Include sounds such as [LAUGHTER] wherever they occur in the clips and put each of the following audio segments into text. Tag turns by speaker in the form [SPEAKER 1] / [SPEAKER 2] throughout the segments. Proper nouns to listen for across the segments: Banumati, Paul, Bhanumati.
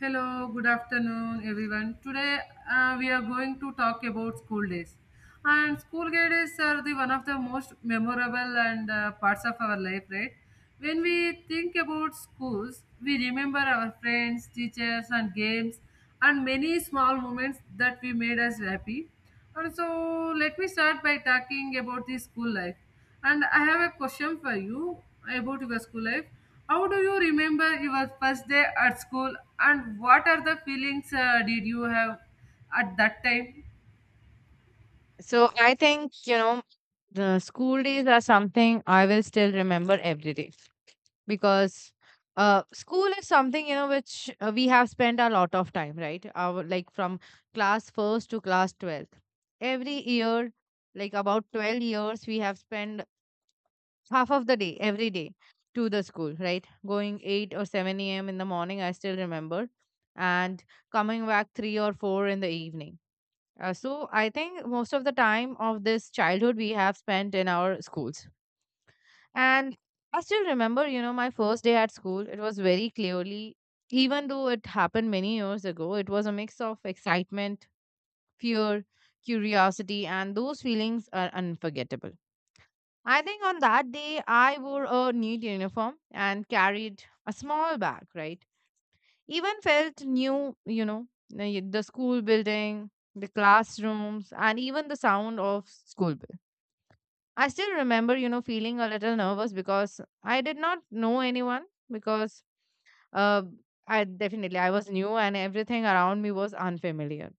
[SPEAKER 1] Hello, good afternoon, everyone. Today we are going to talk about school days. And school days are the one of the most memorable and parts of our life, right? When we think about schools, we remember our friends, teachers, and games, and many small moments that we made us happy. And so let me start by talking about the school life. And I have a question for you about your school life. How do you remember your first day at school and what are the feelings did you have at that time?
[SPEAKER 2] So I think, you know, the school days are something I will still remember every day because school is something, you know, which we have spent a lot of time, right, our like from class first to class 12th, every year, like about 12 years we have spent half of the day every day to the school, right, going 8 or 7 a.m in the morning, I still remember, and coming back 3 or 4 in the evening. So I think most of the time of this childhood we have spent in our schools. And I still remember, you know, my first day at school, it was very clearly, even though it happened many years ago. It was a mix of excitement, fear, curiosity, and those feelings are unforgettable. I think on that day, I wore a neat uniform and carried a small bag, right? Even felt new, you know, the school building, the classrooms, and even the sound of school bell. I still remember, you know, feeling a little nervous because I did not know anyone, because uh, I definitely I was new and everything around me was unfamiliar.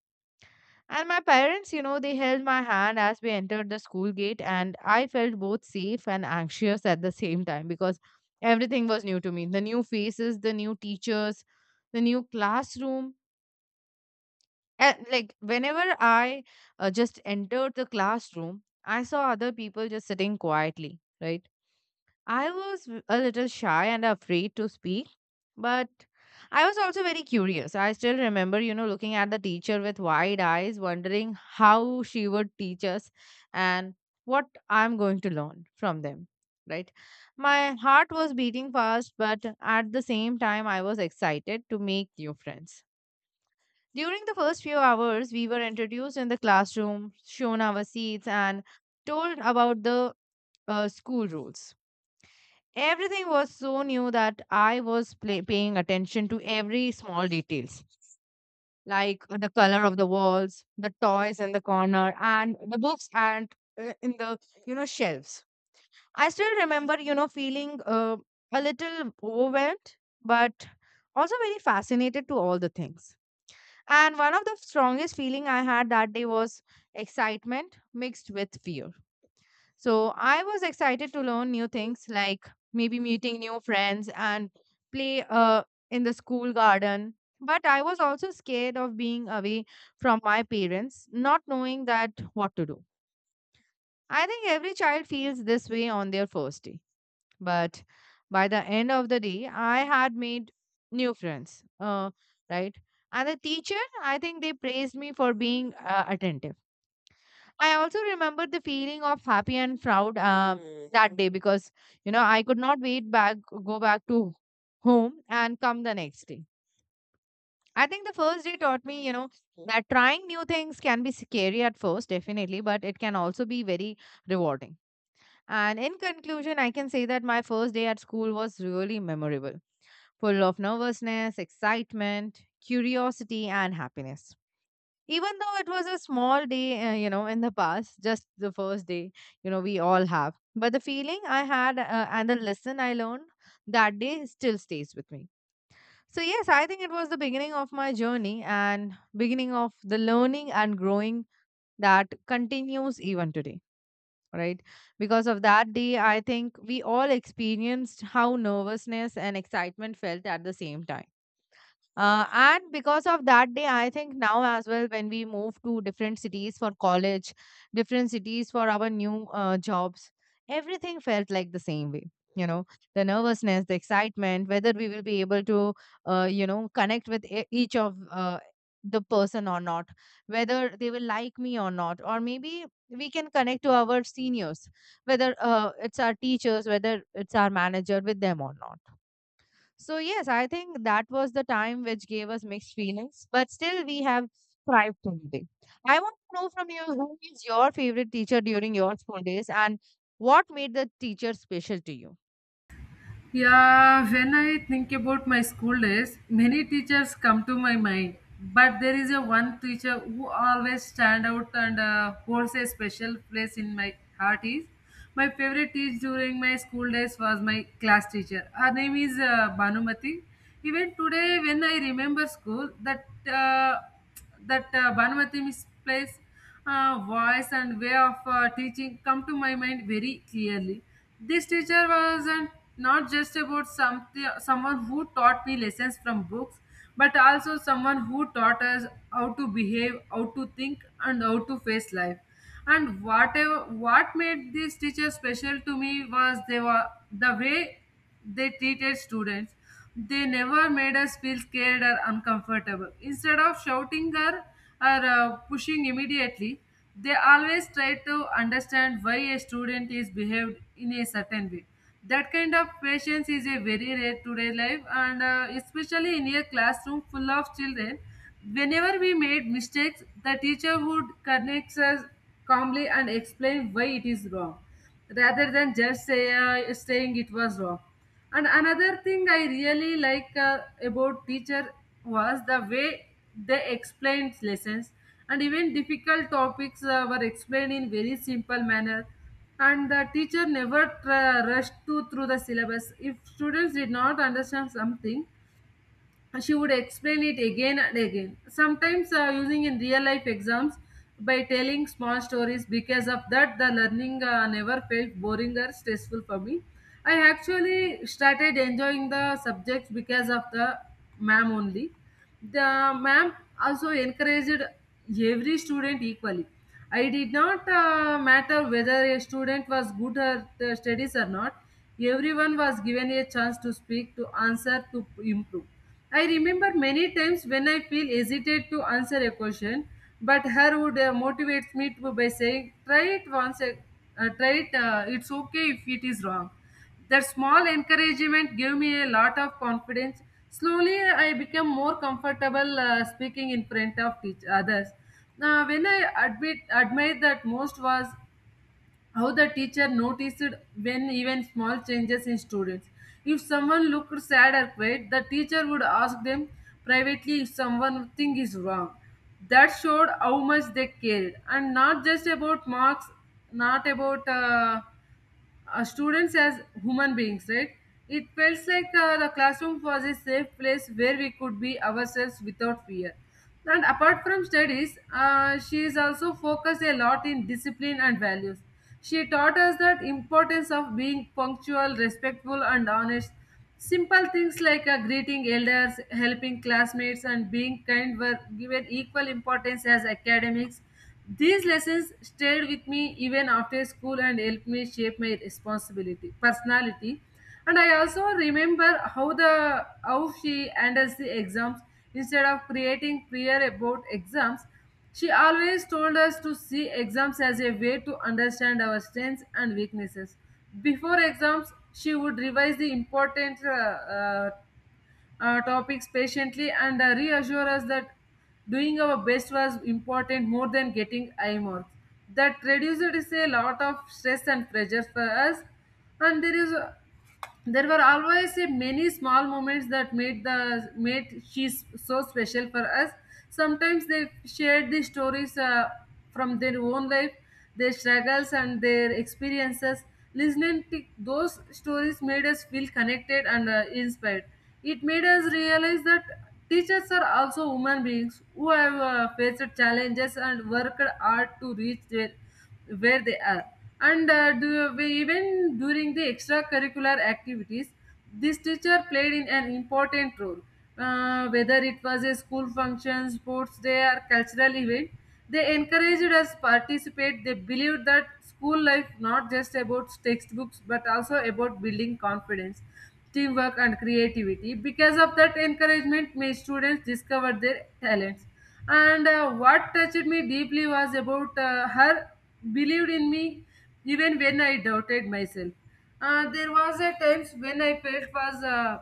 [SPEAKER 2] And my parents, you know, they held my hand as we entered the school gate, and I felt both safe and anxious at the same time because everything was new to me. The new faces, the new teachers, the new classroom. And like whenever I just entered the classroom, I saw other people just sitting quietly, right? I was a little shy and afraid to speak, but I was also very curious. I still remember, you know, looking at the teacher with wide eyes, wondering how she would teach us and what I'm going to learn from them, right? My heart was beating fast, but at the same time, I was excited to make new friends. During the first few hours, we were introduced in the classroom, shown our seats, and told about the school rules. Everything was so new that I was paying attention to every small details, like the color of the walls, the toys in the corner, and the books and in the shelves. I still remember, feeling a little overwhelmed, but also very fascinated to all the things. And one of the strongest feeling I had that day was excitement mixed with fear. So I was excited to learn new things like maybe meeting new friends and play in the school garden. But I was also scared of being away from my parents, not knowing that what to do. I think every child feels this way on their first day. But by the end of the day, I had made new friends, right? And the teacher, I think they praised me for being attentive. I also remember the feeling of happy and proud that day because, you know, I could not wait back, go back to home and come the next day. I think the first day taught me, you know, that trying new things can be scary at first, definitely, but it can also be very rewarding. And in conclusion, I can say that my first day at school was really memorable, full of nervousness, excitement, curiosity, and happiness. Even though it was a small day, you know, in the past, just the first day, we all have. But the feeling I had and the lesson I learned that day still stays with me. So, yes, I think it was the beginning of my journey and beginning of the learning and growing that continues even today, right? Because of that day, I think we all experienced how nervousness and excitement felt at the same time, and because of that day, I think now as well, when we move to different cities for college, different cities for our new jobs, everything felt like the same way. You know, the nervousness, the excitement, whether we will be able to, connect with each of the person or not, whether they will like me or not, or maybe we can connect to our seniors, whether it's our teachers, whether it's our manager with them or not. So yes, I think that was the time which gave us mixed feelings, but still we have thrived today. I want to know from you, who is your favorite teacher during your school days and what made the teacher special to you?
[SPEAKER 1] Yeah, when I think about my school days, many teachers come to my mind. But there is a one teacher who always stand out and holds a special place in my heart. Is my favorite teacher during my school days was my class teacher. Her name is Banumati. Even today, when I remember school, that uh, that Bhanumati misplays voice and way of teaching come to my mind very clearly. This teacher wasn't not just about something someone who taught me lessons from books, but also someone who taught us how to behave, how to think, and how to face life. And whatever what made this teacher special to me was they were the way they treated students. They never made us feel scared or uncomfortable. Instead of shouting or pushing immediately, they always try to understand why a student is behaved in a certain way. That kind of patience is a very rare today life, and especially in a classroom full of children. Whenever we made mistakes, the teacher would connect us calmly and explain why it is wrong rather than just saying it was wrong. And another thing I really like about teacher was the way they explained lessons, and even difficult topics were explained in very simple manner, and the teacher never rushed to through the syllabus. If students did not understand something, she would explain it again and again, sometimes using in real life exams by telling small stories. Because of that, the learning never felt boring or stressful for me. I actually started enjoying the subjects because of the ma'am only. The ma'am also encouraged every student equally. I did not matter whether a student was good at studies or not. Everyone was given a chance to speak, to answer, to improve. I remember many times when I feel hesitate to answer a question, but her would motivates me to by saying, "Try it once, try it. It's okay if it is wrong." That small encouragement gave me a lot of confidence. Slowly, I became more comfortable speaking in front of others. Now, when I admit admire that most was how the teacher noticed when even small changes in students. If someone looked sad or quiet, the teacher would ask them privately if someone thing is wrong. That showed how much they cared, and not just about marks, not about students as human beings, right? It felt like the classroom was a safe place where we could be ourselves without fear. And apart from studies, she is also focused a lot in discipline and values. She taught us that importance of being punctual, respectful, and honest. Simple things like greeting elders, helping classmates, and being kind were given equal importance as academics. These lessons stayed with me even after school and helped me shape my responsibility, personality. And I also remember how the how she handles the exams instead of creating fear about exams. She always told us to see exams as a way to understand our strengths and weaknesses. Before exams, she would revise the important topics patiently and reassure us that doing our best was important more than getting high marks. That reduced is a lot of stress and pressure for us, and there were always a many small moments that made the made she's so special for us. Sometimes they shared the stories from their own life, their struggles and their experiences. Listening to those stories made us feel connected and inspired. It made us realize that teachers are also human beings who have faced challenges and worked hard to reach their where they are. And even during the extracurricular activities, this teacher played in an important role. Whether it was a school function, sports day, or cultural event, they encouraged us participate. They believed that school life not just about textbooks, but also about building confidence, teamwork, and creativity. Because of that encouragement, my students discovered their talents. And what touched me deeply was about her believed in me, even when I doubted myself. There was a times when I felt was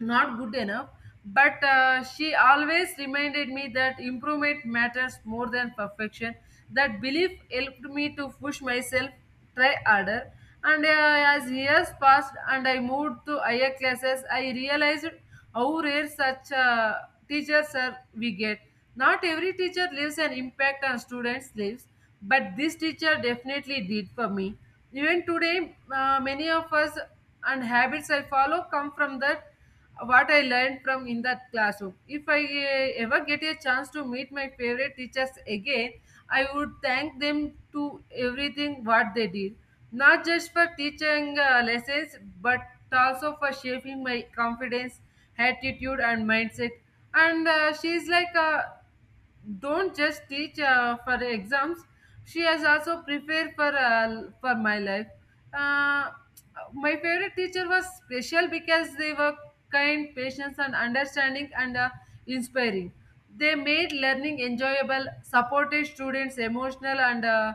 [SPEAKER 1] not good enough, but she always reminded me that improvement matters more than perfection. That belief helped me to push myself, try harder, and as years passed and I moved to higher classes, I realized how rare such teachers are we get. Not every teacher leaves an impact on students lives, but this teacher definitely did for me. Even today, many of us and habits I follow come from that what I learned from in that classroom. If I ever get a chance to meet my favorite teachers again, I would thank them to everything what they did, not just for teaching lessons, but also for shaping my confidence, attitude, and mindset. And she's like don't just teach for exams. She has also prepared for my life. Uh, my favorite teacher was special because they were kind, patient, and understanding, and inspiring. They made learning enjoyable, supported students emotional, and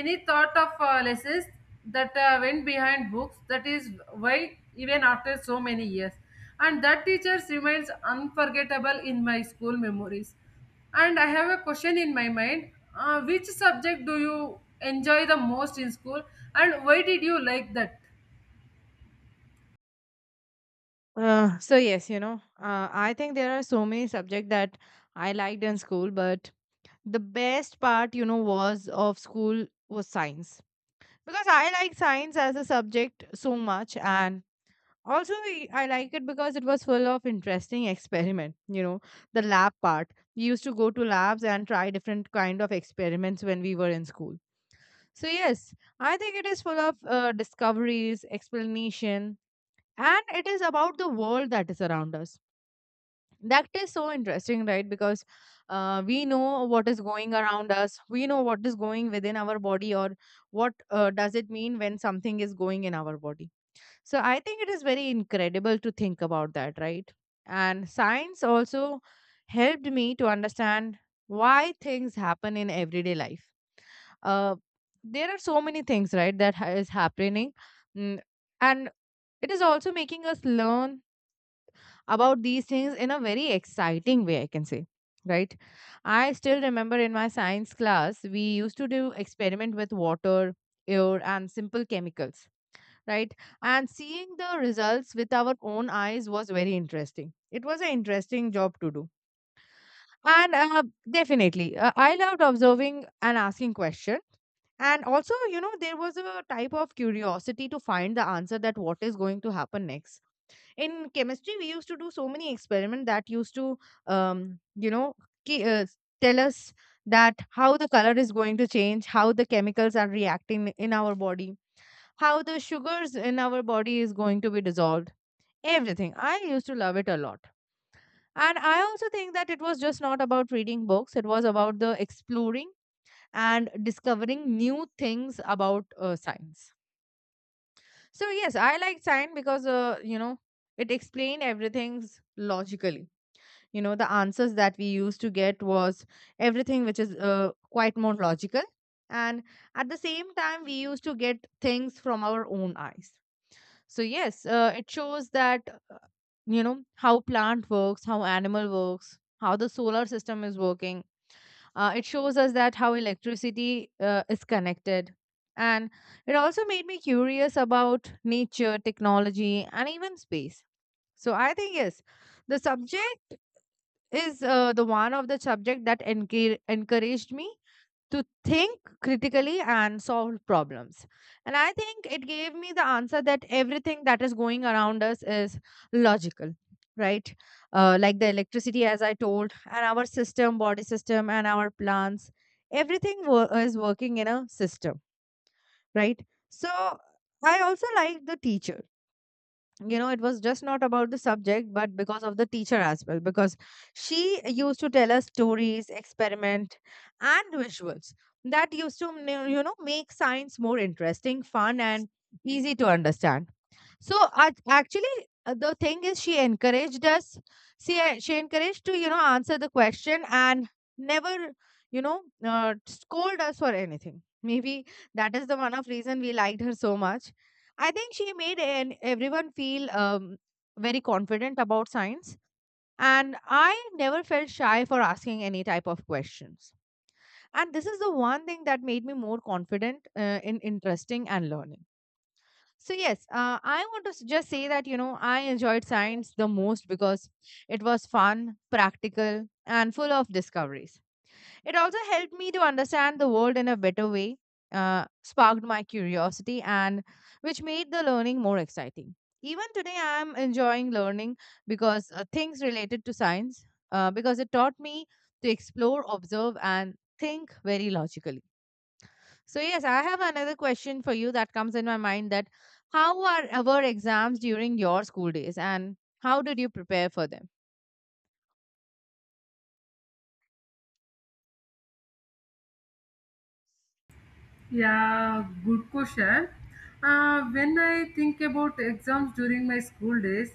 [SPEAKER 1] any thought of lessons that went behind books. That is why even after so many years, and that teacher remains unforgettable in my school memories. And I have a question in my mind. Which subject do you enjoy the most in school and why did you like that?
[SPEAKER 2] So yes, you know, I think there are so many subjects that I liked in school, but the best part, you know, was of school was science, because I like science as a subject so much, and also I like it because it was full of interesting experiment, you know, the lab part, we used to go to labs and try different kind of experiments when we were in school. So yes, I think it is full of discoveries, explanation, and it is about the world that is around us, that is so interesting, right? Because we know what is going around us, we know what is going within our body, or what does it mean when something is going in our body. So I think it is very incredible to think about that, right? And science also helped me to understand why things happen in everyday life. Uh, there are so many things, right, that is happening, mm, and it is also making us learn about these things in a very exciting way, I can say, right? I still remember in my science class we used to do experiment with water, air, and simple chemicals, right? And seeing the results with our own eyes was very interesting. It was an interesting job to do. And definitely, I loved observing and asking questions. And also, you know, there was a type of curiosity to find the answer that what is going to happen next. In chemistry, we used to do so many experiments that used to, um, you know, ki- uh, tell us that how the color is going to change, how the chemicals are reacting in our body, how the sugars in our body is going to be dissolved. Everything I used to love it a lot, and I also think that it was just not about reading books, it was about the exploring and discovering new things about science. So yes, I like science because, it explained everything logically. You know, the answers that we used to get was everything which is quite more logical, and at the same time we used to get things from our own eyes. So yes, it shows that, uh, how plant works, how animal works, how the solar system is working. It shows us that how electricity is connected, and it also made me curious about nature, technology, and even space. So I think yes, the subject is, the one of the subject that encouraged me to think critically and solve problems. And I think it gave me the answer that everything that is going around us is logical, right? Like the electricity, as I told, and our system, body system, and our plants, everything is working in a system, right? So I also like the teacher, you know, it was just not about the subject but because of the teacher as well, because she used to tell us stories, experiment, and visuals that used to, make science more interesting, fun, and easy to understand. So actually, the thing is, she encouraged us. See, she encouraged to, answer the question and never, scold us for anything. Maybe that is the one of reason we liked her so much. I think she made everyone feel, very confident about science, and I never felt shy for asking any type of questions. And this is the one thing that made me more confident, in interesting and learning. So yes, I want to just say that, I enjoyed science the most because it was fun, practical, and full of discoveries. It also helped me to understand the world in a better way, sparked my curiosity, and which made the learning more exciting. Even today, I am enjoying learning because, things related to science, because it taught me to explore, observe, and think very logically. So yes, I have another question for you that comes in my mind, that how are our exams during your school days and how did you prepare for them?
[SPEAKER 1] Yeah, good question. When I think about exams during my school days,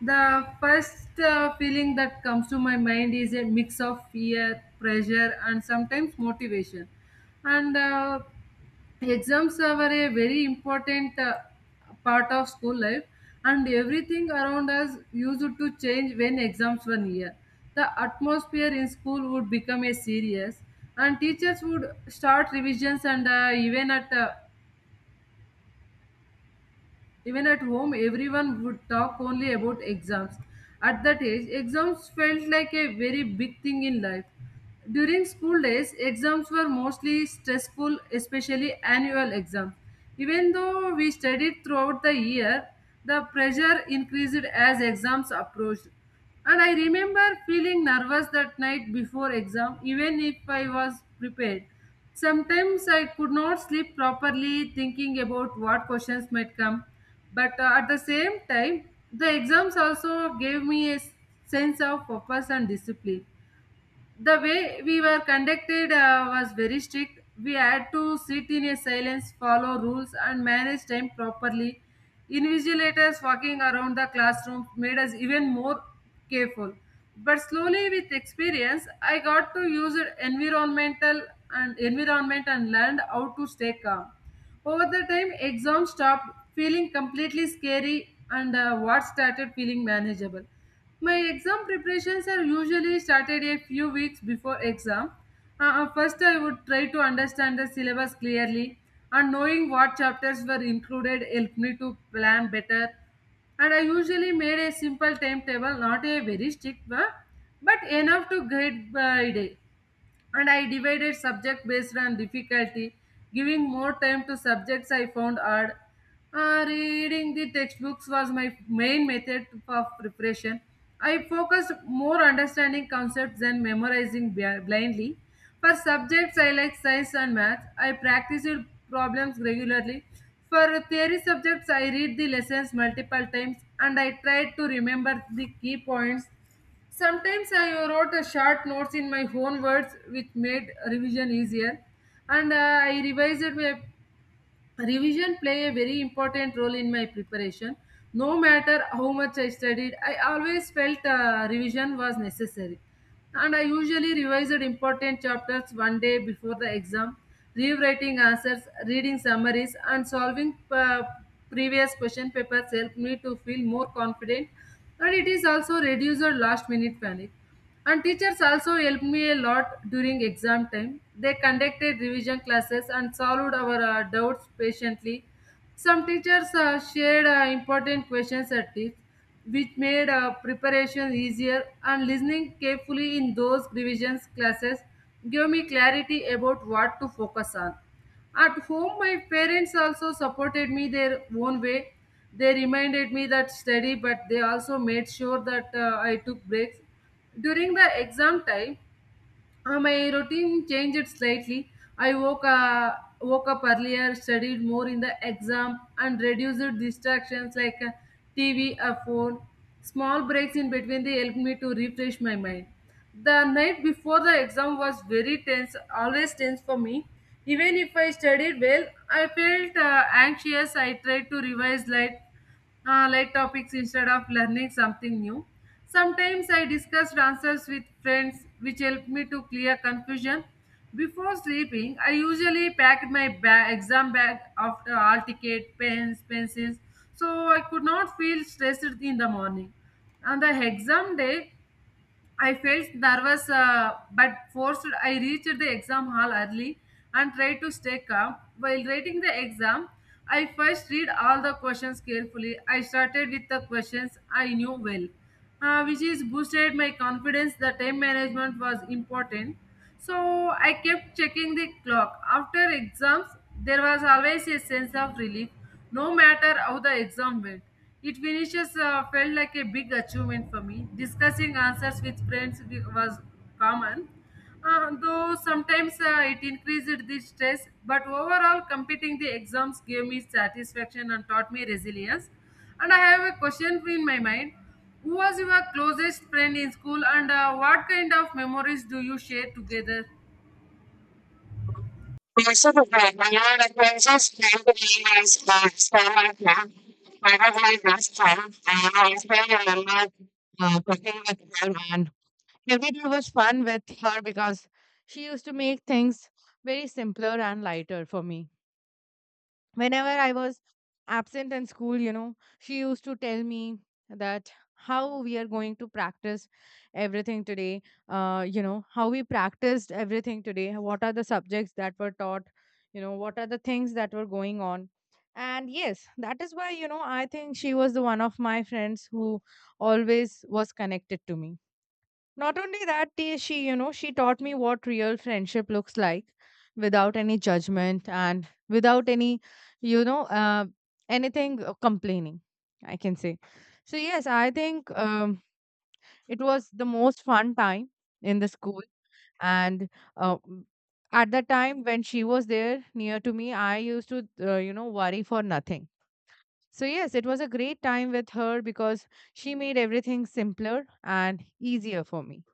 [SPEAKER 1] the first feeling that comes to my mind is a mix of fear, pressure, and sometimes motivation. And exams are a very important part of school life, and everything around us used to change when exams were near. The atmosphere in school would become a serious, and teachers would start revisions and even at home, everyone would talk only about exams. At that age, exams felt like a very big thing in life. During school days, exams were mostly stressful, especially annual exams. Even though we studied throughout the year, the pressure increased as exams approached. And I remember feeling nervous that night before exam, even if I was prepared. Sometimes I could not sleep properly, thinking about what questions might come. But at the same time, the exams also gave me a sense of purpose and discipline. The way we were conducted was very strict. We had to sit in a silence, follow rules, and manage time properly. Invigilators walking around the classroom made us even more careful. But slowly, with experience, I got to use it environment and learned how to stay calm. Over the time, exams stopped feeling completely scary and what started feeling manageable. My exam preparations are usually started a few weeks before exam. First, I would try to understand the syllabus clearly, and knowing what chapters were included helped me to plan better. And I usually made a simple timetable, not a very strict one, but enough to guide by day. And I divided subject based on difficulty, giving more time to subjects I found hard. Reading the textbooks was my main method of preparation. I focused more understanding concepts than memorizing blindly. For subjects I like science and math, I practiced problems regularly. For theory subjects, I read the lessons multiple times and I tried to remember the key points. Sometimes I wrote a short notes in my own words, which made revision easier. And I revised my Revision play a very important role in my preparation. No matter how much I studied, I always felt revision was necessary. And I usually revised important chapters one day before the exam. Rewriting answers, reading summaries, and solving previous question papers helped me to feel more confident. And it is also reduced last minute panic. And teachers also helped me a lot during exam time. They conducted revision classes and solved our doubts patiently. Some teachers shared important questions or tips, which made preparation easier. And listening carefully in those revision classes gave me clarity about what to focus on. At home, my parents also supported me their own way. They reminded me that study, but they also made sure that I took breaks during the exam time, my routine changed slightly. I woke up earlier, studied more in the exam, and reduced distractions like TV or phone. Small breaks in between they helped me to refresh my mind. The night before the exam was very tense, always tense for me. Even if I studied well, I felt anxious. I tried to revise late light topics instead of learning something new. Sometimes I discussed answers with friends, which helped me to clear confusion. Before sleeping, I usually packed my exam bag after all ticket, pens, pencils, so I could not feel stressed in the morning. On the exam day, I felt there was, but forced. I reached the exam hall early and tried to stay calm. While writing the exam, I first read all the questions carefully. I started with the questions I knew well, which is boosted my confidence. The time management was important, so I kept checking the clock. After exams, there was always a sense of relief, no matter how the exam went. It finishes felt like a big achievement for me. Discussing answers with friends was common, though sometimes it increased the stress. But overall, completing the exams gave me satisfaction and taught me resilience. And I have a question in my mind. Who was your closest friend in school, and what kind of memories do you share together?
[SPEAKER 2] Also, the princess came to me as a star now. I was my best friend, and I also remember cooking with her. And every day was fun with her because she used to make things very simpler and lighter for me. Whenever I was absent in school, you know, she used to tell me that how we are going to practice everything today, how we practiced everything today, what are the subjects that were taught, what are the things that were going on. And yes, that is why, I think she was the one of my friends who always was connected to me. Not only that, she, she taught me what real friendship looks like without any judgment and without any, you know, uh, anything complaining, I can say. So, yes, I think it was the most fun time in the school. And uh, m- at the time when she was there near to me, I used to, worry for nothing. So, yes, it was a great time with her because she made everything simpler and easier for me,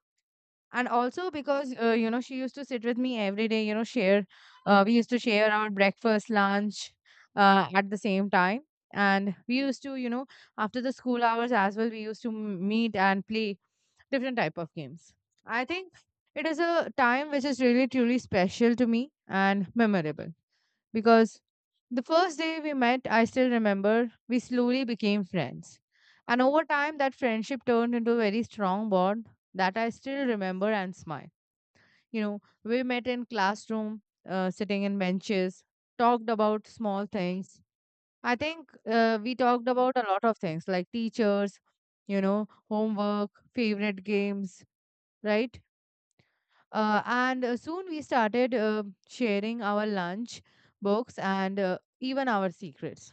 [SPEAKER 2] and also because she used to sit with me every day, share we used to share our breakfast, lunch at the same time, and we used to, after the school hours as well, we used to meet and play different type of games. I think it is a time which is really truly special to me and memorable, because the first day we met, I still remember, we slowly became friends. And over time, that friendship turned into a very strong bond that I still remember and smile. You know, we met in classroom, sitting in benches, talked about small things. I think we talked about a lot of things like teachers, homework, favorite games, right? And soon we started sharing our lunch, books, and even our secrets.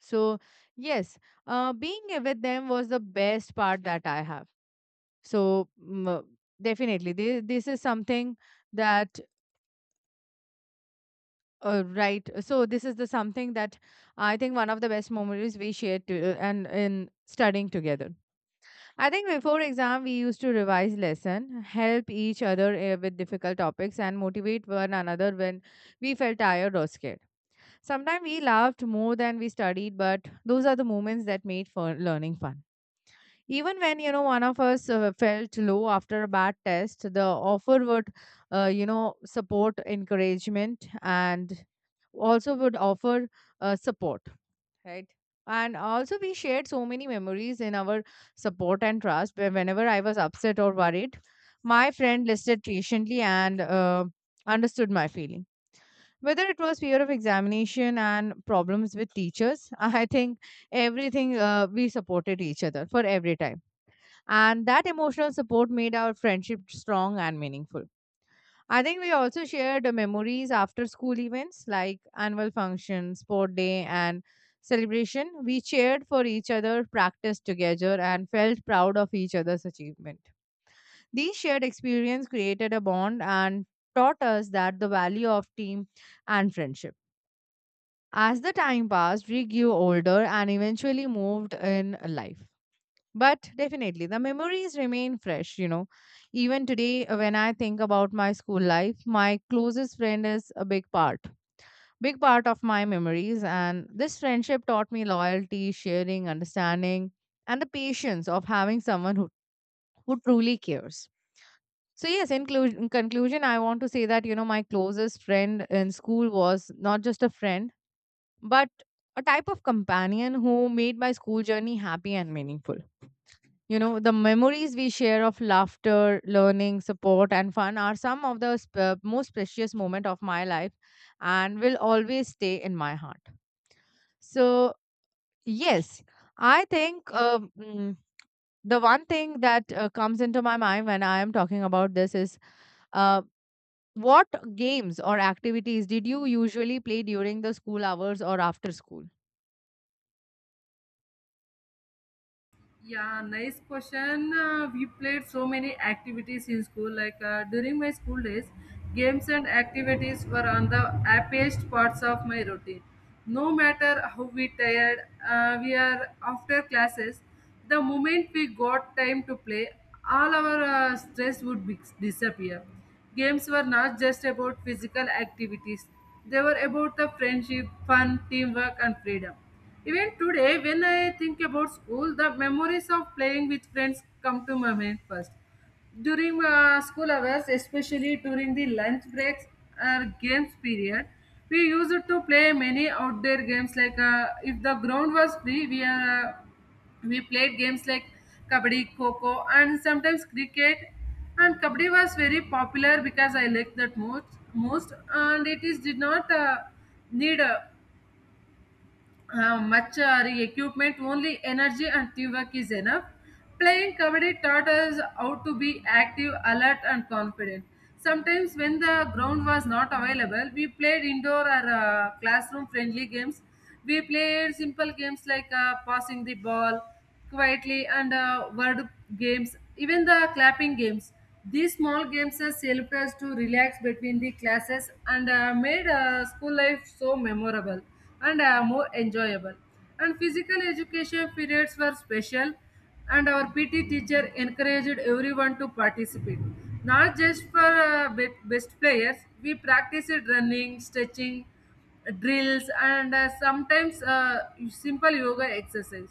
[SPEAKER 2] So, yes, being with them was the best part that I have. So, definitely, this is something that, right. So, this is the something that I think one of the best memories we shared to, and in studying together. I think before exam we used to revise lesson, help each other with difficult topics and motivate one another when we felt tired or scared. Sometimes we laughed more than we studied, but those are the moments that made for learning fun. Even when, one of us felt low after a bad test, the offer would support encouragement, and also would offer support, right. And also we shared so many memories in our support and trust, where whenever I was upset or worried, my friend listened patiently, and understood my feeling, whether it was fear of examination and problems with teachers. [LAUGHS] I think everything we supported each other for every time, and that emotional support made our friendship strong and meaningful. I think we also shared memories after school events like annual functions, sport day, and celebration. We cheered for each other, practiced together, and felt proud of each other's achievement. These shared experience created a bond and taught us that the value of team and friendship. As the time passed, we grew older and eventually moved in life. But definitely, the memories remain fresh, Even today, when I think about my school life, my closest friend is a big part of my memories. And this friendship taught me loyalty, sharing, understanding, and the patience of having someone who truly cares. So, yes, in, in conclusion, I want to say that, my closest friend in school was not just a friend, but a type of companion who made my school journey happy and meaningful. You know, the memories we share of laughter, learning, support, and fun are some of the most precious moment of my life, and will always stay in my heart. So, yes, I think the one thing that comes into my mind when I am talking about this is, uh, what games or activities did you usually play during the school hours or after school?
[SPEAKER 1] Yeah, nice question. We played so many activities in school. Like during my school days, games and activities were on the happiest parts of my routine. No matter how we tired, we are after classes. The moment we got time to play, all our stress would disappear. Games were not just about physical activities, they were about the friendship, fun, teamwork, and freedom. Even today, when I think about school, the memories of playing with friends come to my mind first. During school hours, especially during the lunch breaks or games period, we used to play many outdoor games like if the ground was free, we played games like kabaddi kho and sometimes cricket, and kabaddi was very popular because I liked that most, and it is did not need much equipment, only energy and teamwork is enough. Playing kabaddi taught us how to be active, alert and confident. Sometimes when the ground was not available, we played indoor or classroom friendly games. We played simple games like passing the ball quietly, and word games, even the clapping games. These small games has helped us to relax between the classes and made school life so memorable and more enjoyable. And physical education periods were special, and our PT teacher encouraged everyone to participate. Not just for best players, we practiced running, stretching, drills and sometimes simple yoga exercise.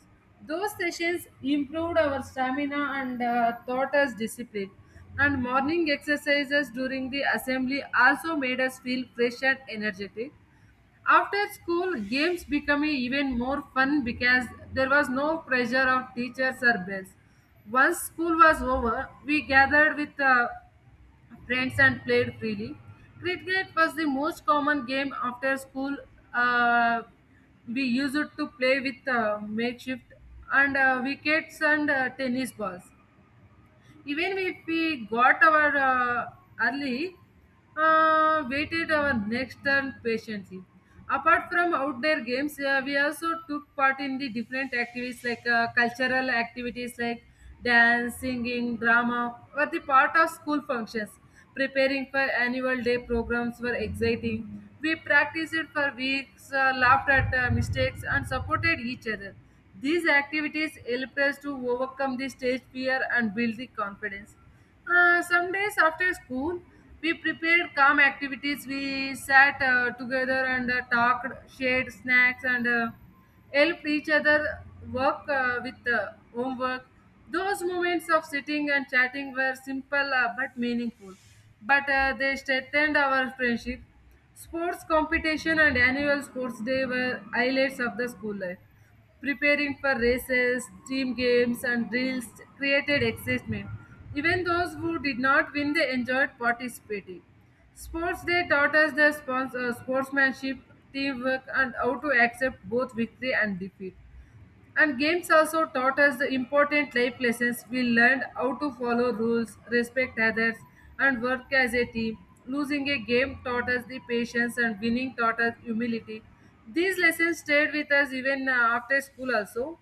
[SPEAKER 1] Those sessions improved our stamina and taught us discipline, and morning exercises during the assembly also made us feel fresh and energetic. After school games became even more fun because there was no pressure of teachers or bells. Once school was over, we gathered with friends and played freely. Cricket was the most common game after school. Uh, we used it to play with makeshift and wickets and tennis balls, even if we got our early, waited our next turn patiently. Apart from outdoor games, we also took part in the different activities like cultural activities like dance, singing, drama were the part of school functions. Preparing for annual day programs were exciting. We practiced for weeks, laughed at mistakes and supported each other. These activities help us to overcome the stage fear and build the confidence. Some days after school, we prepared calm activities. We sat together and talked, shared snacks, and helped each other work with homework. Those moments of sitting and chatting were simple but meaningful, but they strengthened our friendship. Sports competition and annual sports day were highlights of the school life. Preparing for races, team games, and drills created excitement. Even those who did not win, they enjoyed participating. Sports Day taught us the sportsmanship, teamwork, and how to accept both victory and defeat. And games also taught us the important life lessons. We learned how to follow rules, respect others, and work as a team. Losing a game taught us the patience, and winning taught us humility. These lessons stayed with us even after school, also.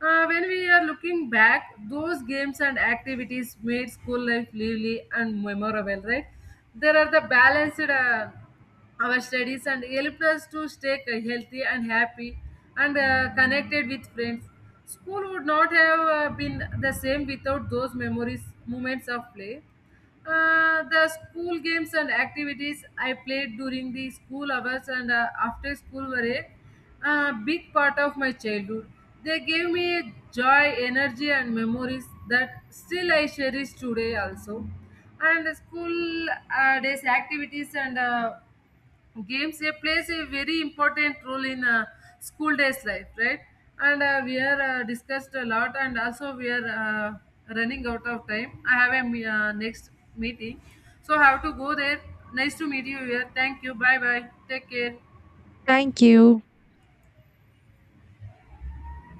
[SPEAKER 1] When we are looking back, those games and activities made school life lively and memorable, right? There are the balanced. Our studies and helped us to stay healthy and happy and connected with friends. School would not have been the same without those memories, moments of play. The school games and activities I played during the school hours and after school were a big part of my childhood. They gave me joy, energy, and memories that still I cherish today also. And the school days activities and games, they plays a very important role in school days life, right? And we are discussed a lot, and also we are running out of time. I have a next meeting, so I have to go there. Nice to meet you here. Thank you, bye bye, take care.
[SPEAKER 2] Thank you.